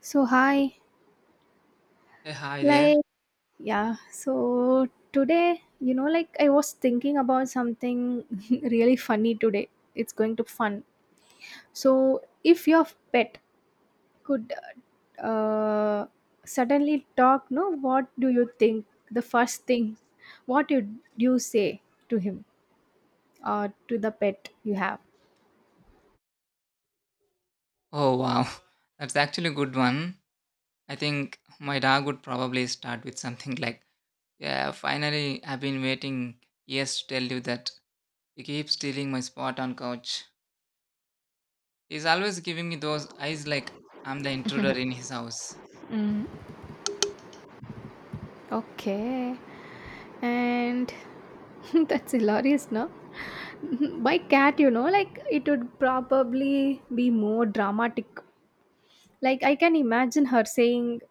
So hi, Hey, hi there. like yeah. So today, like I was thinking about something really funny today. It's going to be fun. So if your pet could uh, suddenly talk, no, what do you think? The first thing, what would you say to him or to the pet you have? Oh, wow. That's actually a good one. I think my dog would probably start with something like, yeah, finally, I've been waiting years to tell you that you keep stealing my spot on couch. He's always giving me those eyes like I'm the intruder in his house. Okay. And that's hilarious, no? My cat, like it would probably be more dramatic. Like I can imagine her saying,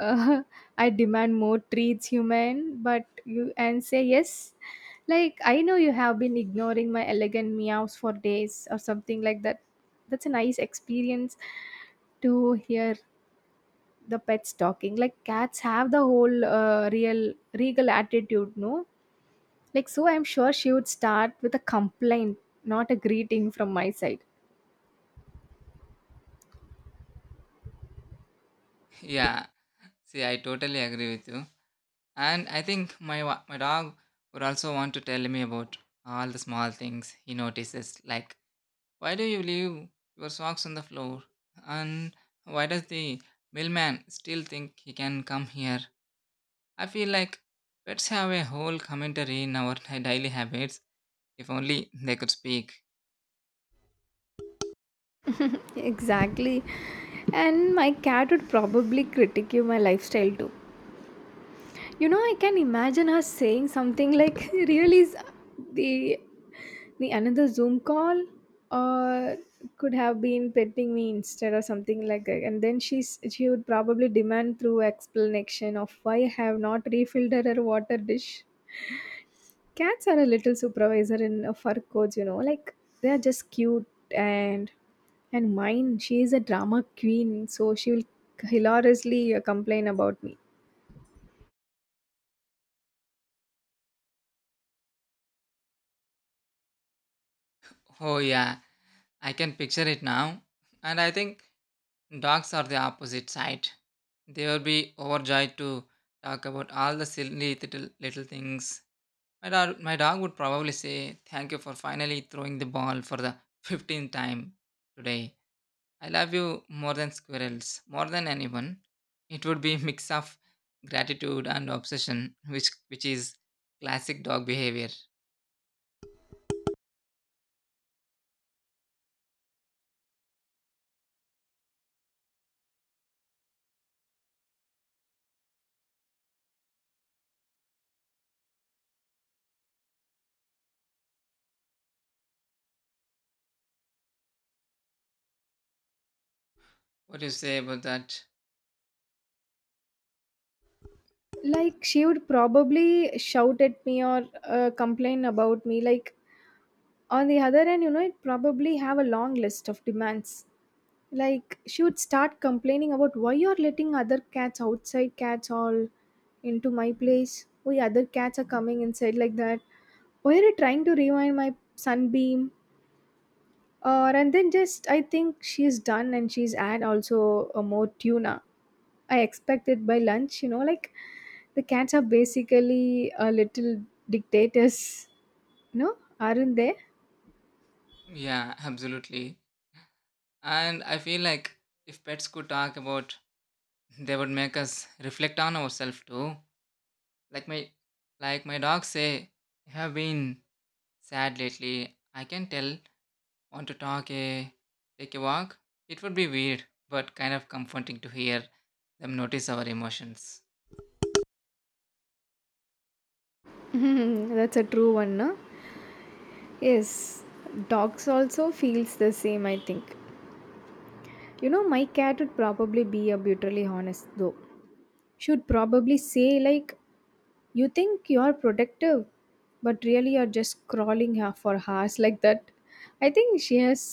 uh, "I demand more treats, human," but you and say yes. Like I know you have been ignoring my elegant meows for days or something like that. That's a nice experience to hear the pets talking. Like cats have the whole real regal attitude, no? Like, so I'm sure she would start with a complaint, not a greeting from my side. Yeah, see, I totally agree with you. And I think my dog would also want to tell me about all the small things he notices, like why do you leave your socks on the floor? And why does the mailman still think he can come here? I feel like pets have a whole commentary in our daily habits if only they could speak. Exactly. And my cat would probably critique you my lifestyle too. I can imagine her saying something like, "Really, is the the another Zoom call, or could have been petting me instead, or something like that." And then she would probably demand through explanation of why I have not refilled her water dish. Cats are a little supervisor in a fur coats, like they are just cute and mine, she is a drama queen, so she will hilariously complain about me. Oh, yeah, I can picture it now. And I think dogs are the opposite side. They will be overjoyed to talk about all the silly little things. My dog would probably say, thank you for finally throwing the ball for the 15th time today. I love you more than squirrels, more than anyone. It would be mix of gratitude and obsession, which is classic dog behavior. What do you say about that? Like she would probably shout at me or complain about me. Like on the other end, it probably have a long list of demands. Like she would start complaining about why you're letting other cats outside cats all into my place, why other cats are coming inside like that, why are you trying to rewind my sunbeam, or and then just I think she's done and she's add also a more tuna I expected by lunch, like the cats are basically a little dictators, no, aren't they? Yeah, absolutely. And I feel like if pets could talk about, they would make us reflect on ourselves too. Like my like my dog say, I have been sad lately. I can tell want to talk a take a walk? It would be weird, but kind of comforting to hear them notice our emotions. That's a true one, no? Yes, dogs also feels the same, I think. My cat would probably be a brutally honest though. She would probably say like, "You think you're protective, but really you're just crawling her for hours like that." I think she has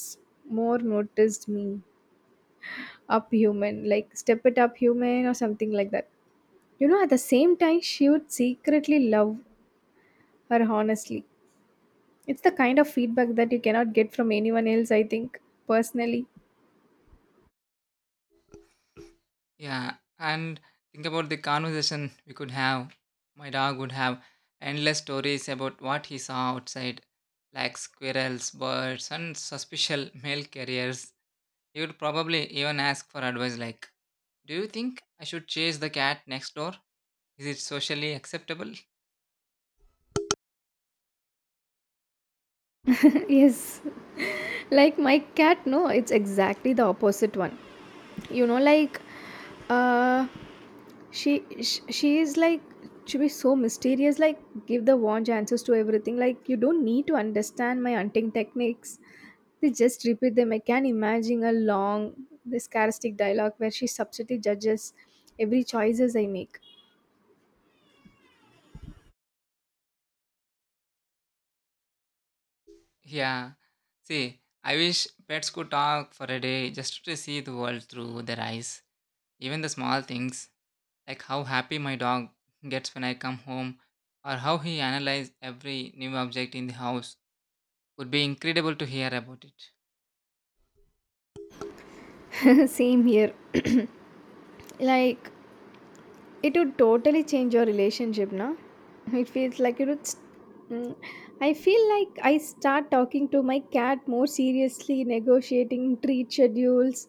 more noticed me up human, like step it up human or something like that. At the same time, she would secretly love her honestly. It's the kind of feedback that you cannot get from anyone else. I think personally, Yeah, and think about the conversation we could have. My dog would have endless stories about what he saw outside, like squirrels, birds, and suspicious mail carriers. He would probably even ask for advice like, do you think I should chase the cat next door? Is it socially acceptable? yes, like my cat no it's exactly the opposite one, like uh she is like she be so mysterious, like give the wrong answers to everything, like you don't need to understand my hunting techniques, they just repeat them. I can imagine a long this characteristic dialogue where she subtly judges every choices I make. Yeah. See, I wish pets could talk for a day just to see the world through their eyes. Even the small things, like how happy my dog gets when I come home, or how he analyzes every new object in the house, would be incredible to hear about it. Same here. Like, it would totally change your relationship, na? It feels like it would. Mm, I feel like I start talking to my cat more seriously, negotiating treat schedules,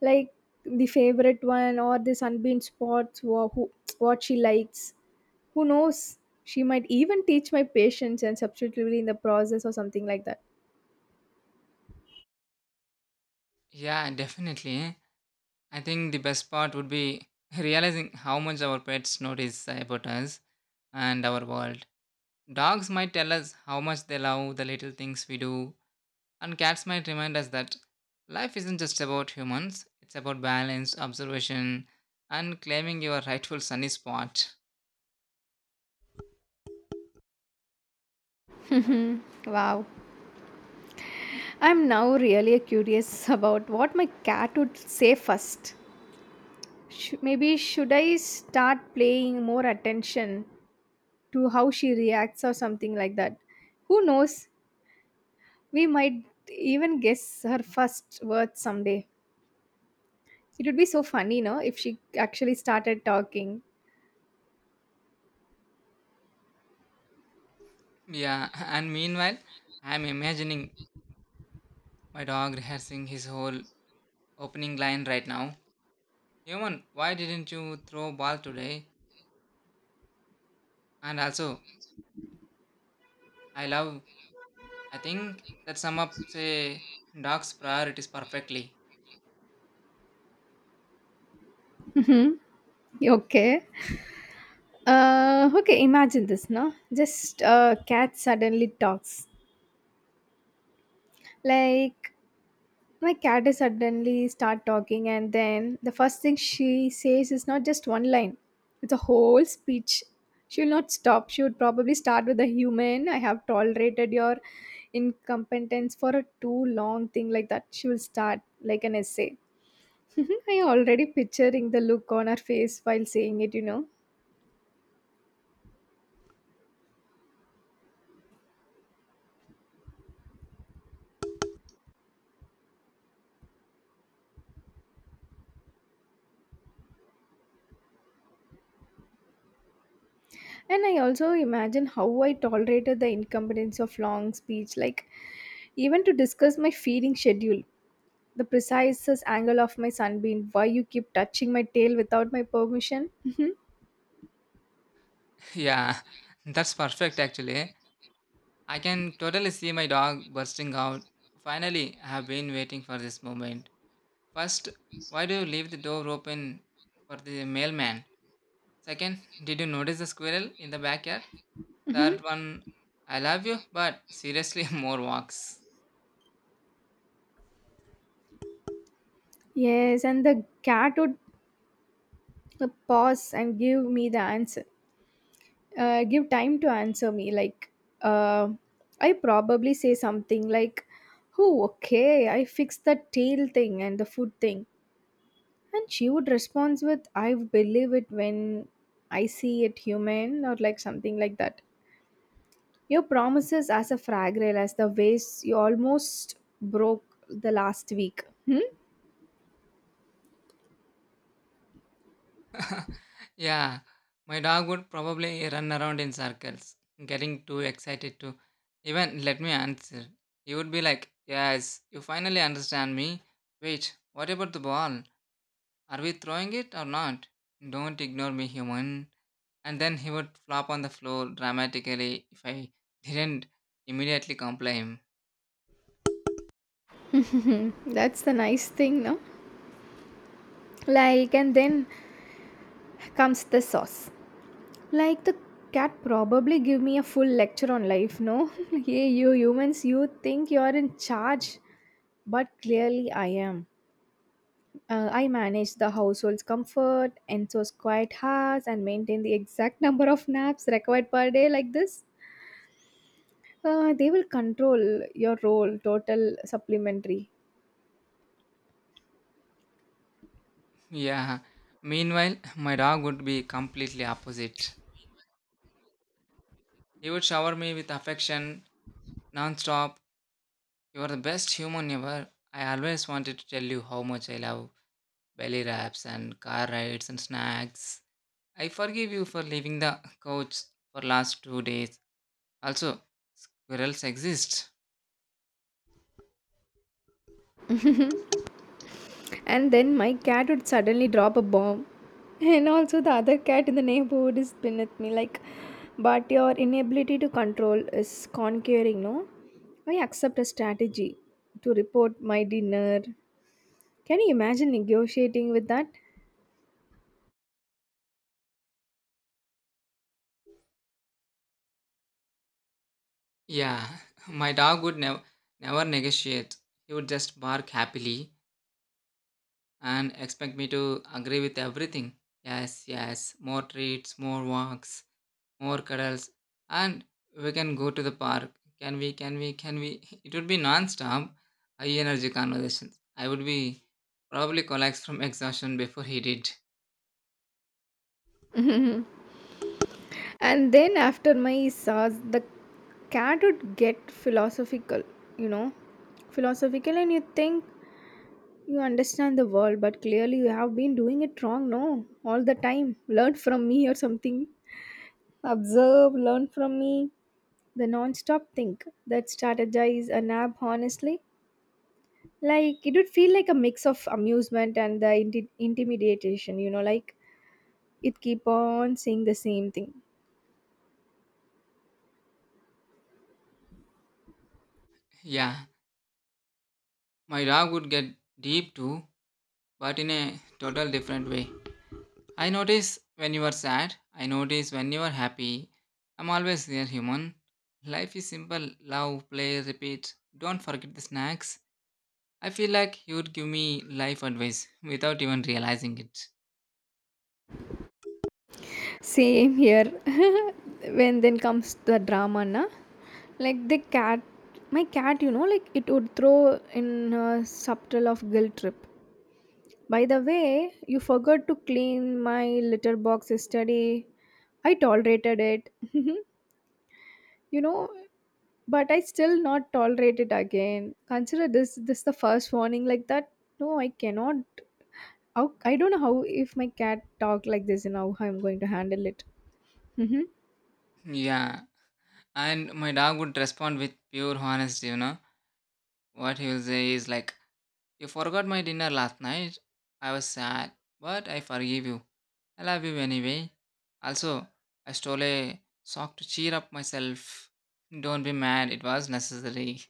like the favorite one or the sunbeam spots, who, what she likes. Who knows? She might even teach my patience and substitutively in the process or something like that. Yeah, definitely. I think the best part would be realizing how much our pets notice about us and our world. Dogs might tell us how much they love the little things we do. And cats might remind us that life isn't just about humans, it's about balance, observation, and claiming your rightful sunny spot. Wow. I'm now really curious about what my cat would say first. Maybe should I start paying more attention to how she reacts or something like that? Who knows? We might even guess her first words someday. It would be so funny, no, if she actually started talking. Yeah, and meanwhile, I'm imagining my dog rehearsing his whole opening line right now. Human, why didn't you throw ball today? And also, I love, I think that sum up, say, dog's priorities perfectly. Mhm. Okay. Okay, imagine this, no? Just a cat suddenly talks. Like, my cat is suddenly start talking and then the first thing she says is not just one line, it's a whole speech. She will not stop. She would probably start with a human I have tolerated your incompetence for a too long thing like that. She will start like an essay. I already picturing the look on her face while saying it, and I also imagine how I tolerated the incompetence of long speech, like even to discuss my feeding schedule, the precise angle of my sunbeam. Why you keep touching my tail without my permission? Hmm. Yeah, that's perfect actually. I can totally see my dog bursting out. Finally, I have been waiting for this moment. First, why do you leave the door open for the mailman? Second, did you notice the squirrel in the backyard? Hmm. Third one, I love you, but seriously, more walks. Yes, and the cat would pause and give me the answer. Give time to answer me. Like, uh, I probably say something like, "Oh, okay, I fixed the tail thing and the food thing," and she would respond with, "I believe it when I see it human" or like something like that. Your promises as a fragrail as the vase you almost broke the last week. Hmm? Yeah, my dog would probably run around in circles, getting too excited to even let me answer. He would be like, yes, you finally understand me. Wait, what about the ball? Are we throwing it or not? Don't ignore me, human. And then he would flop on the floor dramatically if I didn't immediately comply him. That's the nice thing, no? Like, and then comes the sauce. Like, the cat probably give me a full lecture on life, no? Hey, you humans, you think you're in charge, but clearly I am. I manage the household's comfort, Enzo's quiet house, and maintain the exact number of naps required per day like this. They will control your role, total supplementary. Yeah. Meanwhile, my dog would be completely opposite. He would shower me with affection non-stop. You are the best human ever. I always wanted to tell you how much I love belly wraps and car rides and snacks. I forgive you for leaving the couch for last 2 days. Also, squirrels exist. And then my cat would suddenly drop a bomb. And also, the other cat in the neighborhood is pin at me, like, but your inability to control is conquering, no? I accept a strategy to report my dinner. Can you imagine negotiating with that? Yeah, my dog would never negotiate. He would just bark happily and expect me to agree with everything. Yes, yes, more treats, more walks, more cuddles, and we can go to the park. Can we? Can we? Can we? It would be non-stop, high energy conversations. I would be probably collapse from exhaustion before he did. And then, after my SARS, the cat would get philosophical, you know, philosophical, and you think you understand the world, but clearly you have been doing it wrong, no? All the time. Learn from me or something. Observe, learn from me. The non stop think that strategize a nab, honestly. Like, it would feel like a mix of amusement and the intimidation, like it keep on saying the same thing. Yeah, my dog would get deep too, but in a total different way. I notice when you are sad. I notice when you are happy. I'm always there, human. Life is simple love, play, repeat. Don't forget the snacks. I feel like you would give me life advice without even realizing it. Same here. When then comes the drama, na? Like the cat, my cat, like it would throw in a subtle of guilt trip. By the way, you forgot to clean my litter box yesterday. I tolerated it. you know, but I still not tolerate it again. Consider this the first warning like that. No, I cannot. How- I don't know how if my cat talk like this and how I'm going to handle it. Hmm. Yeah, and my dog would respond with pure honesty, you know. What he will say is like, you forgot my dinner last night. I was sad, but I forgive you. I love you anyway. Also, I stole a sock to cheer up myself. Don't be mad, it was necessary.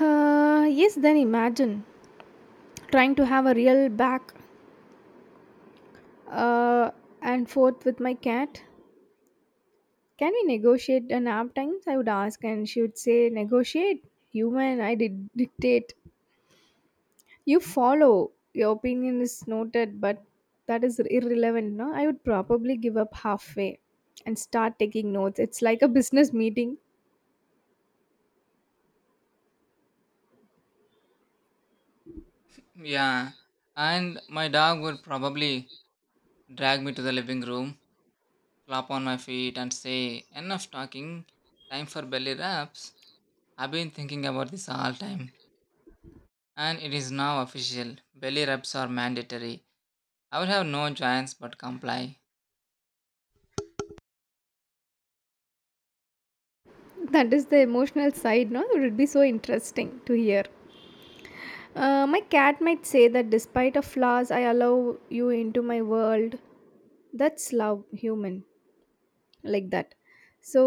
Yes, then imagine trying to have a real back uh, and forth with my cat. Can we negotiate a nap times? I would ask, and she would say, Negotiate? Human, I did dictate. You follow. Your opinion is noted, but that is irrelevant, no? I would probably give up halfway and start taking notes. It's like a business meeting. Yeah, and my dog would probably drag me to the living room, flop on my feet, and say, enough talking, time for belly rubs. I've been thinking about this all time, and it is now official. Belly rubs are mandatory. I would have no choice but comply. That is the emotional side, no? It would be so interesting to hear. My cat might say that despite of flaws, I allow you into my world. That's love, human. Like that, so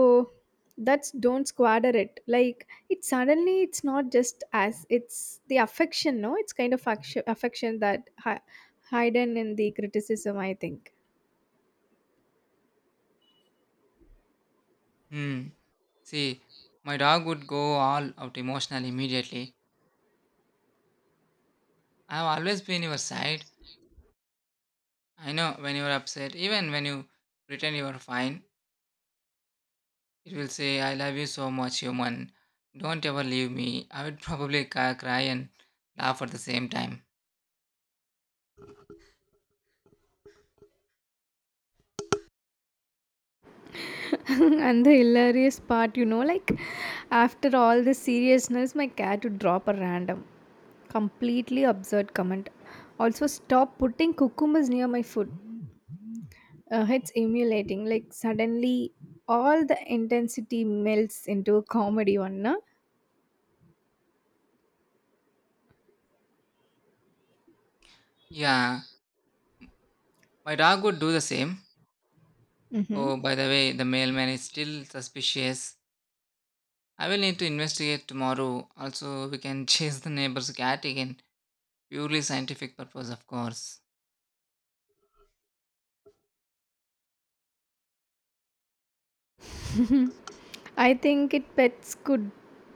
that's don't squander it. Like it suddenly, it's not just as it's the affection, no, it's kind of action, affection that hidden in the criticism, I think. Hmm. See, my dog would go all out emotional immediately. I have always been your side. I know when you're upset, even when you pretend you're fine, it will say, I love you so much, human. Don't ever leave me. I would probably cry and laugh at the same time. And the hilarious part, like after all the seriousness, my cat would drop a random, completely absurd comment. Also, stop putting cucumbers near my food. It's emulating. Like suddenly, all the intensity melts into a comedy one. Na? Yeah, my dog would do the same. Hmm. Oh, by the way, the mailman is still suspicious. I will need to investigate tomorrow. Also, we can chase the neighbor's cat again. Purely scientific purpose, of course. I think it pets could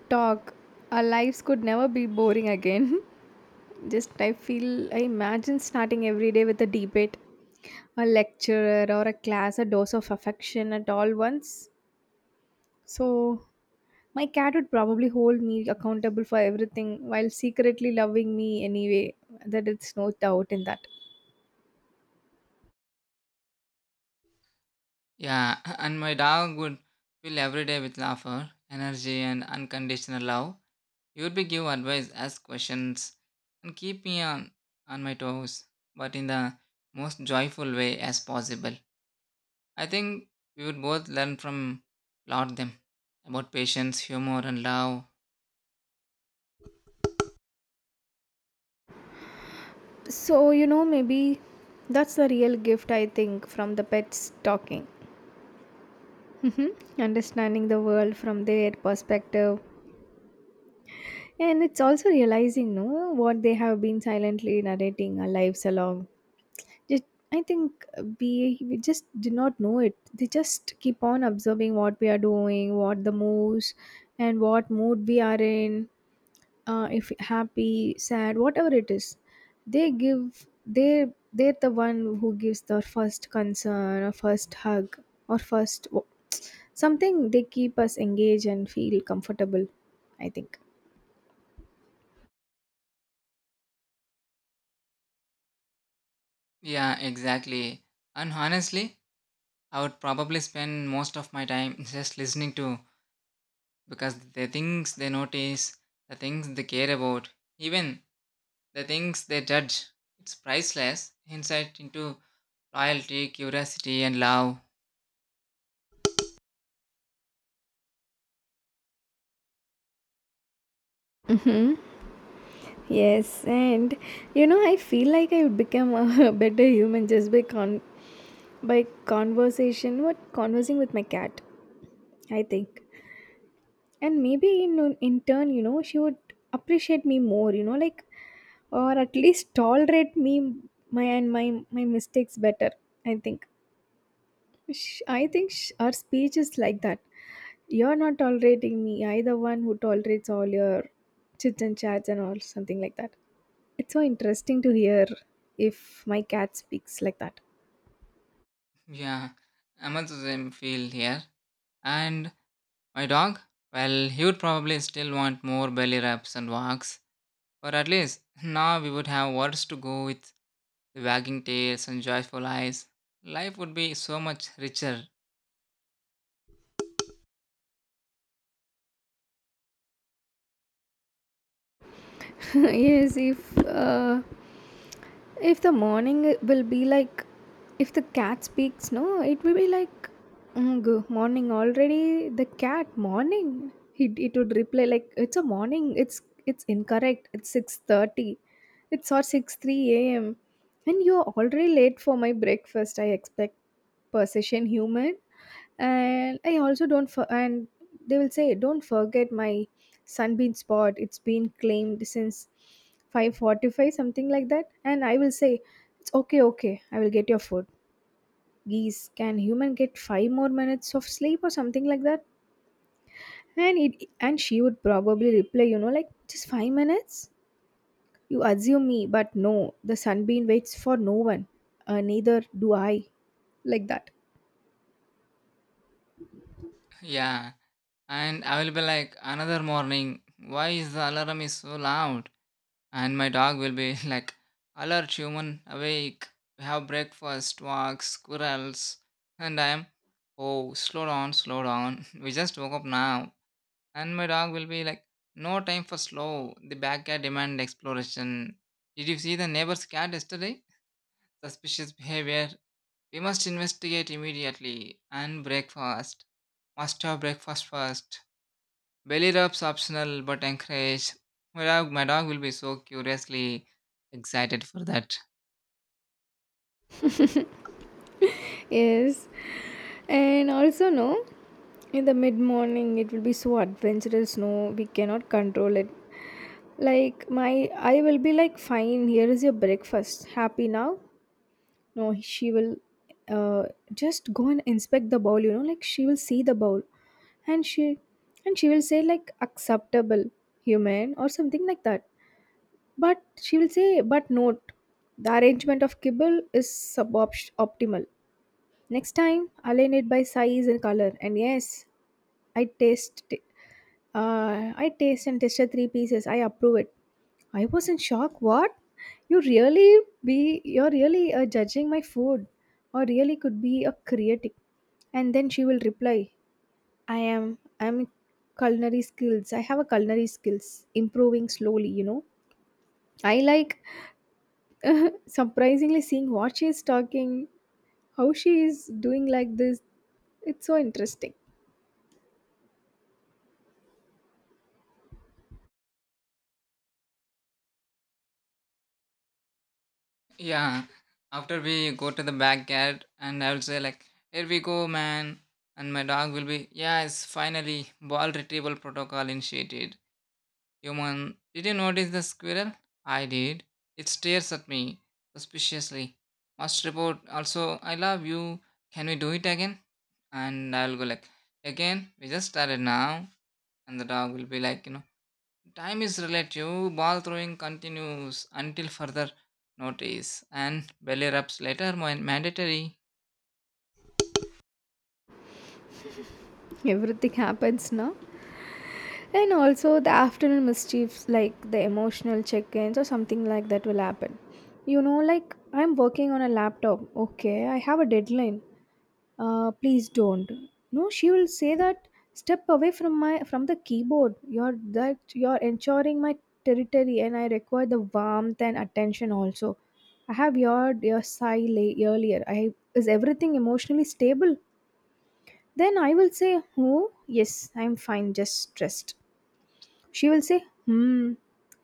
talk. Our lives could never be boring again. Just I feel I imagine starting every day with a debate, a lecturer or a class, a dose of affection at all once. So my cat would probably hold me accountable for everything while secretly loving me anyway. That it's no doubt in that. Yeah, and my dog would fill every day with laughter, energy, and unconditional love. He would be give advice, ask questions, and keep me on my toes, but in the most joyful way as possible. I think we would both learn from lot them about patience, humor, and love. So maybe that's the real gift I think from the pets talking. Mhm. Understanding the world from their perspective. And it's also realizing no what they have been silently narrating our lives along. Just, I think we just do not know it. They just keep on observing what we are doing, what the moves, and what mood we are in, if happy sad whatever it is, they give they they're the one who gives the first concern or first hug or something. They keep us engaged and feel comfortable, I think. Yeah, exactly. And honestly, I would probably spend most of my time just listening to because the things they notice, the things they care about, even the things they judge, it's priceless insight into loyalty, curiosity, and love. Yes, and I feel like I've become a better human just by conversation, what conversing with my cat, I think. And maybe in turn, she would appreciate me more, like or at least tolerate me my and my mistakes better. I think. Sh I think sh our speech is like that. You're not tolerating me. I the one who tolerates all your chits and chats and all something like that. It's so interesting to hear if my cat speaks like that. Yeah, I'm also same feel here. And my dog? Well, he would probably still want more belly rubs and walks. But at least now we would have words to go with the wagging tails and joyful eyes. Life would be so much richer. Yes, if if the morning will be like, if the cat speaks, no, it will be like, "Mm, good morning already. The cat morning. It would reply like, it's a morning. It's incorrect. It's 6:30. It's or six three a.m. And you're already late for my breakfast. I expect precision, human, and I also don't for and they will say, don't forget my sunbeam spot. It's been claimed since 5:45, something like that, and I will say, it's okay. Okay, I will get your food. Geese, can human get 5 more minutes of sleep or something like that? And she would probably reply, like, just 5 minutes. You assume me. But no, the sunbeam waits for no one. Neither do I. Like that. Yeah. And I will be like, another morning, why is the alarm is so loud? And my dog will be like, alert human awake. We have breakfast, walks, squirrels, and I am, oh, slow down, slow down. We just woke up now. And my dog will be like, no time for slow. The backyard demand exploration. Did you see the neighbor's cat yesterday? Suspicious behavior. We must investigate immediately. And breakfast. Must have breakfast first. Belly rubs optional but encouraged. My dog will be so curiously excited for that. Yes, and also no, in the mid morning it will be so adventurous. No, we cannot control it. Like my I will be like, fine, here is your breakfast. Happy now? No, she will uh just go and inspect the bowl, you know, like she will see the bowl and she and she will say like, acceptable human or something like that. But she will say, but note, the arrangement of kibble is subopt optimal. Next time, align it by size and color. And yes, I taste I taste and tested three pieces. I approve it. I was in shock. What? You're really judging my food or really could be a critic. And then she will reply, I'm culinary skills. I have a culinary skills improving slowly, you know. I like, surprisingly seeing what she is talking, how she is doing like this. It's so interesting. Yeah. After we go to the backyard and I will say like, here we go, man. And my dog will be, yes, finally, ball retrieval protocol initiated. Human, did you notice the squirrel? I did. It stares at me suspiciously. Must report also, I love you. Can we do it again? And I'll go like, again, we just started now. And the dog will be like, you know, time is relative, ball throwing continues until further notice, and belly rubs later mandatory. Everything happens now. And also the afternoon mischiefs like the emotional check-ins or something like that will happen. You know, like I'm working on a laptop. Okay, I have a deadline. Please don't. No, she will say that, step away from my from the keyboard. You're ensuring my territory, and I require the warmth and attention also. I have your sigh earlier. I Is everything emotionally stable? Then I will say, oh yes, I'm fine, just stressed. She will say, hmm,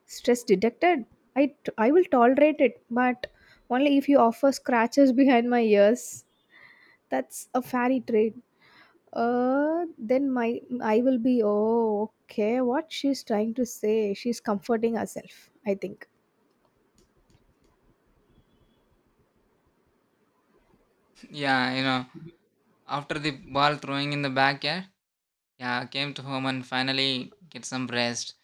stress detected. I will tolerate it, but only if you offer scratches behind my ears. That's a fairy trade. Then my I will be, oh, okay, what she's trying to say. She's comforting herself, I think. Yeah, you know, after the ball throwing in the backyard, yeah, I came to home and finally get some rest.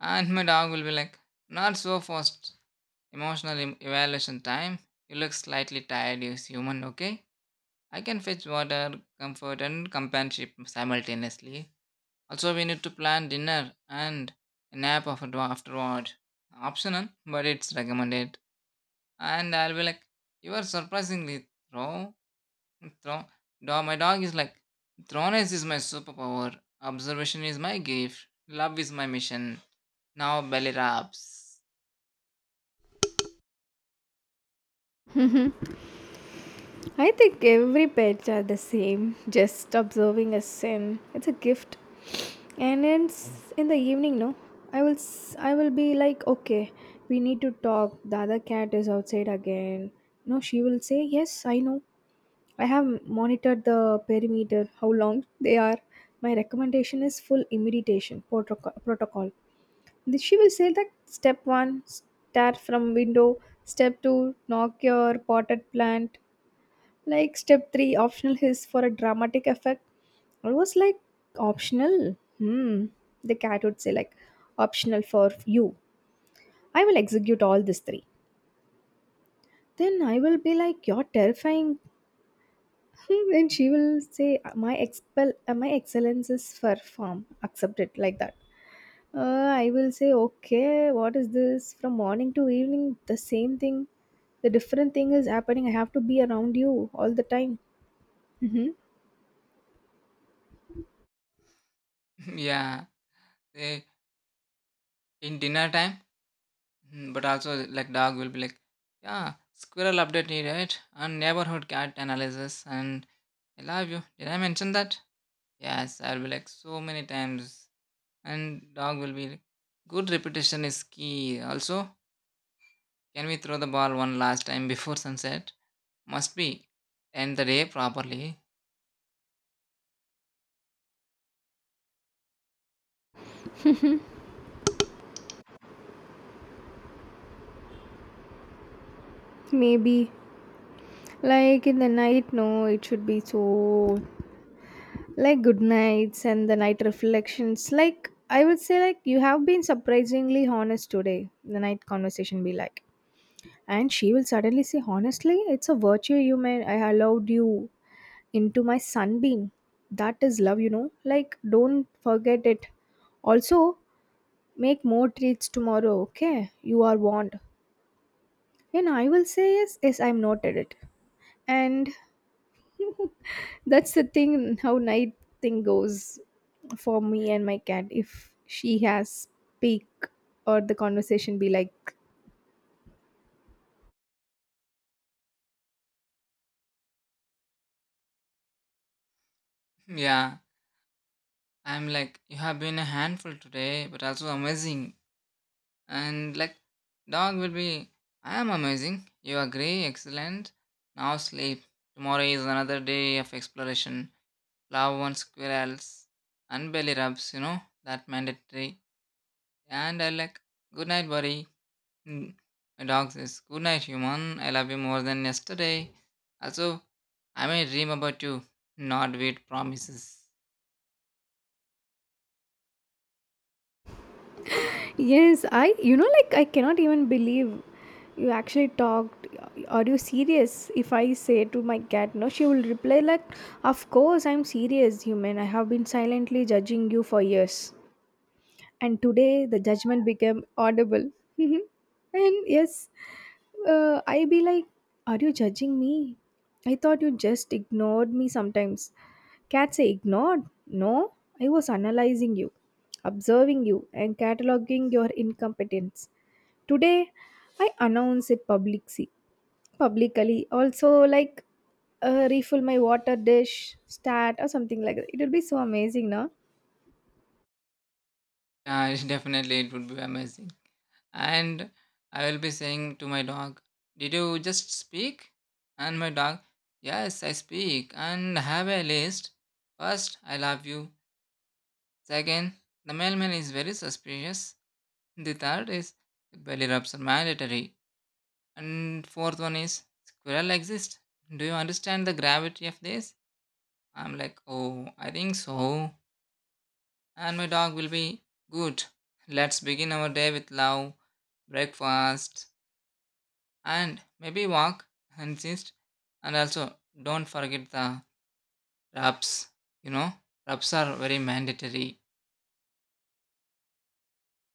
And my dog will be like, not so fast. Emotional evaluation time. You look slightly tired, you human, okay? I can fetch water, comfort, and companionship simultaneously. Also, we need to plan dinner and a nap afterward. Optional, but it's recommended. And I'll be like, you are surprisingly throw. Dog, my dog is like, throwness is my superpower. Observation is my gift. Love is my mission. Now belly rubs. I think every pets are the same, just observing a sin. It's a gift. And it's in the evening, no? I will be like, okay, we need to talk. The other cat is outside again. No, she will say, yes, I know. I have monitored the perimeter, how long they are. My recommendation is full imitation protocol. Then she will say that, step one, start from window. Step two, knock your potted plant. Like step three, optional hiss for a dramatic effect. I was like, optional? Hmm. The cat would say, like, optional for you. I will execute all these three. Then I will be like, you're terrifying. Then she will say, my excellence is for form. Accept it like that. Uh, I will say, okay, what is this? From morning to evening, the same thing. The different thing is happening. I have to be around you all the time. Hmm. Yeah, eh, in dinner time. But also, like dog will be like, yeah, squirrel update needed and neighborhood cat analysis. And I love you. Did I mention that? Yes, I'll be like so many times. And dog will be like, good repetition is key. Also, can we throw the ball one last time before sunset? Must be. End the day properly. Maybe like in the night, no, it should be so like good nights and the night reflections. Like I would say, like, you have been surprisingly honest today. The night conversation be like, and she will suddenly say, honestly, it's a virtue you made. I allowed you into my sunbeam. That is love, you know. Like, don't forget it. Also, make more treats tomorrow. Okay, you are warned. And I will say, yes, yes, I'm noted it. And that's the thing how night thing goes for me and my cat. If she has speak or the conversation be like, Yeah. I'm like, you have been a handful today, but also amazing. And like, dog will be, I am amazing. You agree? Excellent. Now sleep. Tomorrow is another day of exploration. Love one squirrels and belly rubs, you know, that mandatory. And I like, good night, buddy. Mm, My dog says, good night, human. I love you more than yesterday. Also, I may dream about you, not with promises. yes, I, you know, like I cannot even believe you actually talked. Are you serious? If I say to my cat no, she will reply like, "Of course I'm serious, human. I have been silently judging you for years." And today the judgment became audible. And yes, I be like, are you judging me? I thought you just ignored me sometimes. Cat say, ignored? No, I was analyzing you, observing you, and cataloging your incompetence. Today, I announce it publicly. Publicly, also like refill my water dish, stat, or something like that. It will be so amazing, no? Definitely, it would be amazing. And I will be saying to my dog, did you just speak? And my dog, yes, I speak and have a list. First, I love you. Second, the mailman is very suspicious. The third is belly rubs are mandatory. And fourth one is squirrel exist. Do you understand the gravity of this? I'm like, oh, I think so. And my dog will be good. Let's begin our day with love, breakfast, and maybe walk and just and also don't forget the rubs. You know, rubs are very mandatory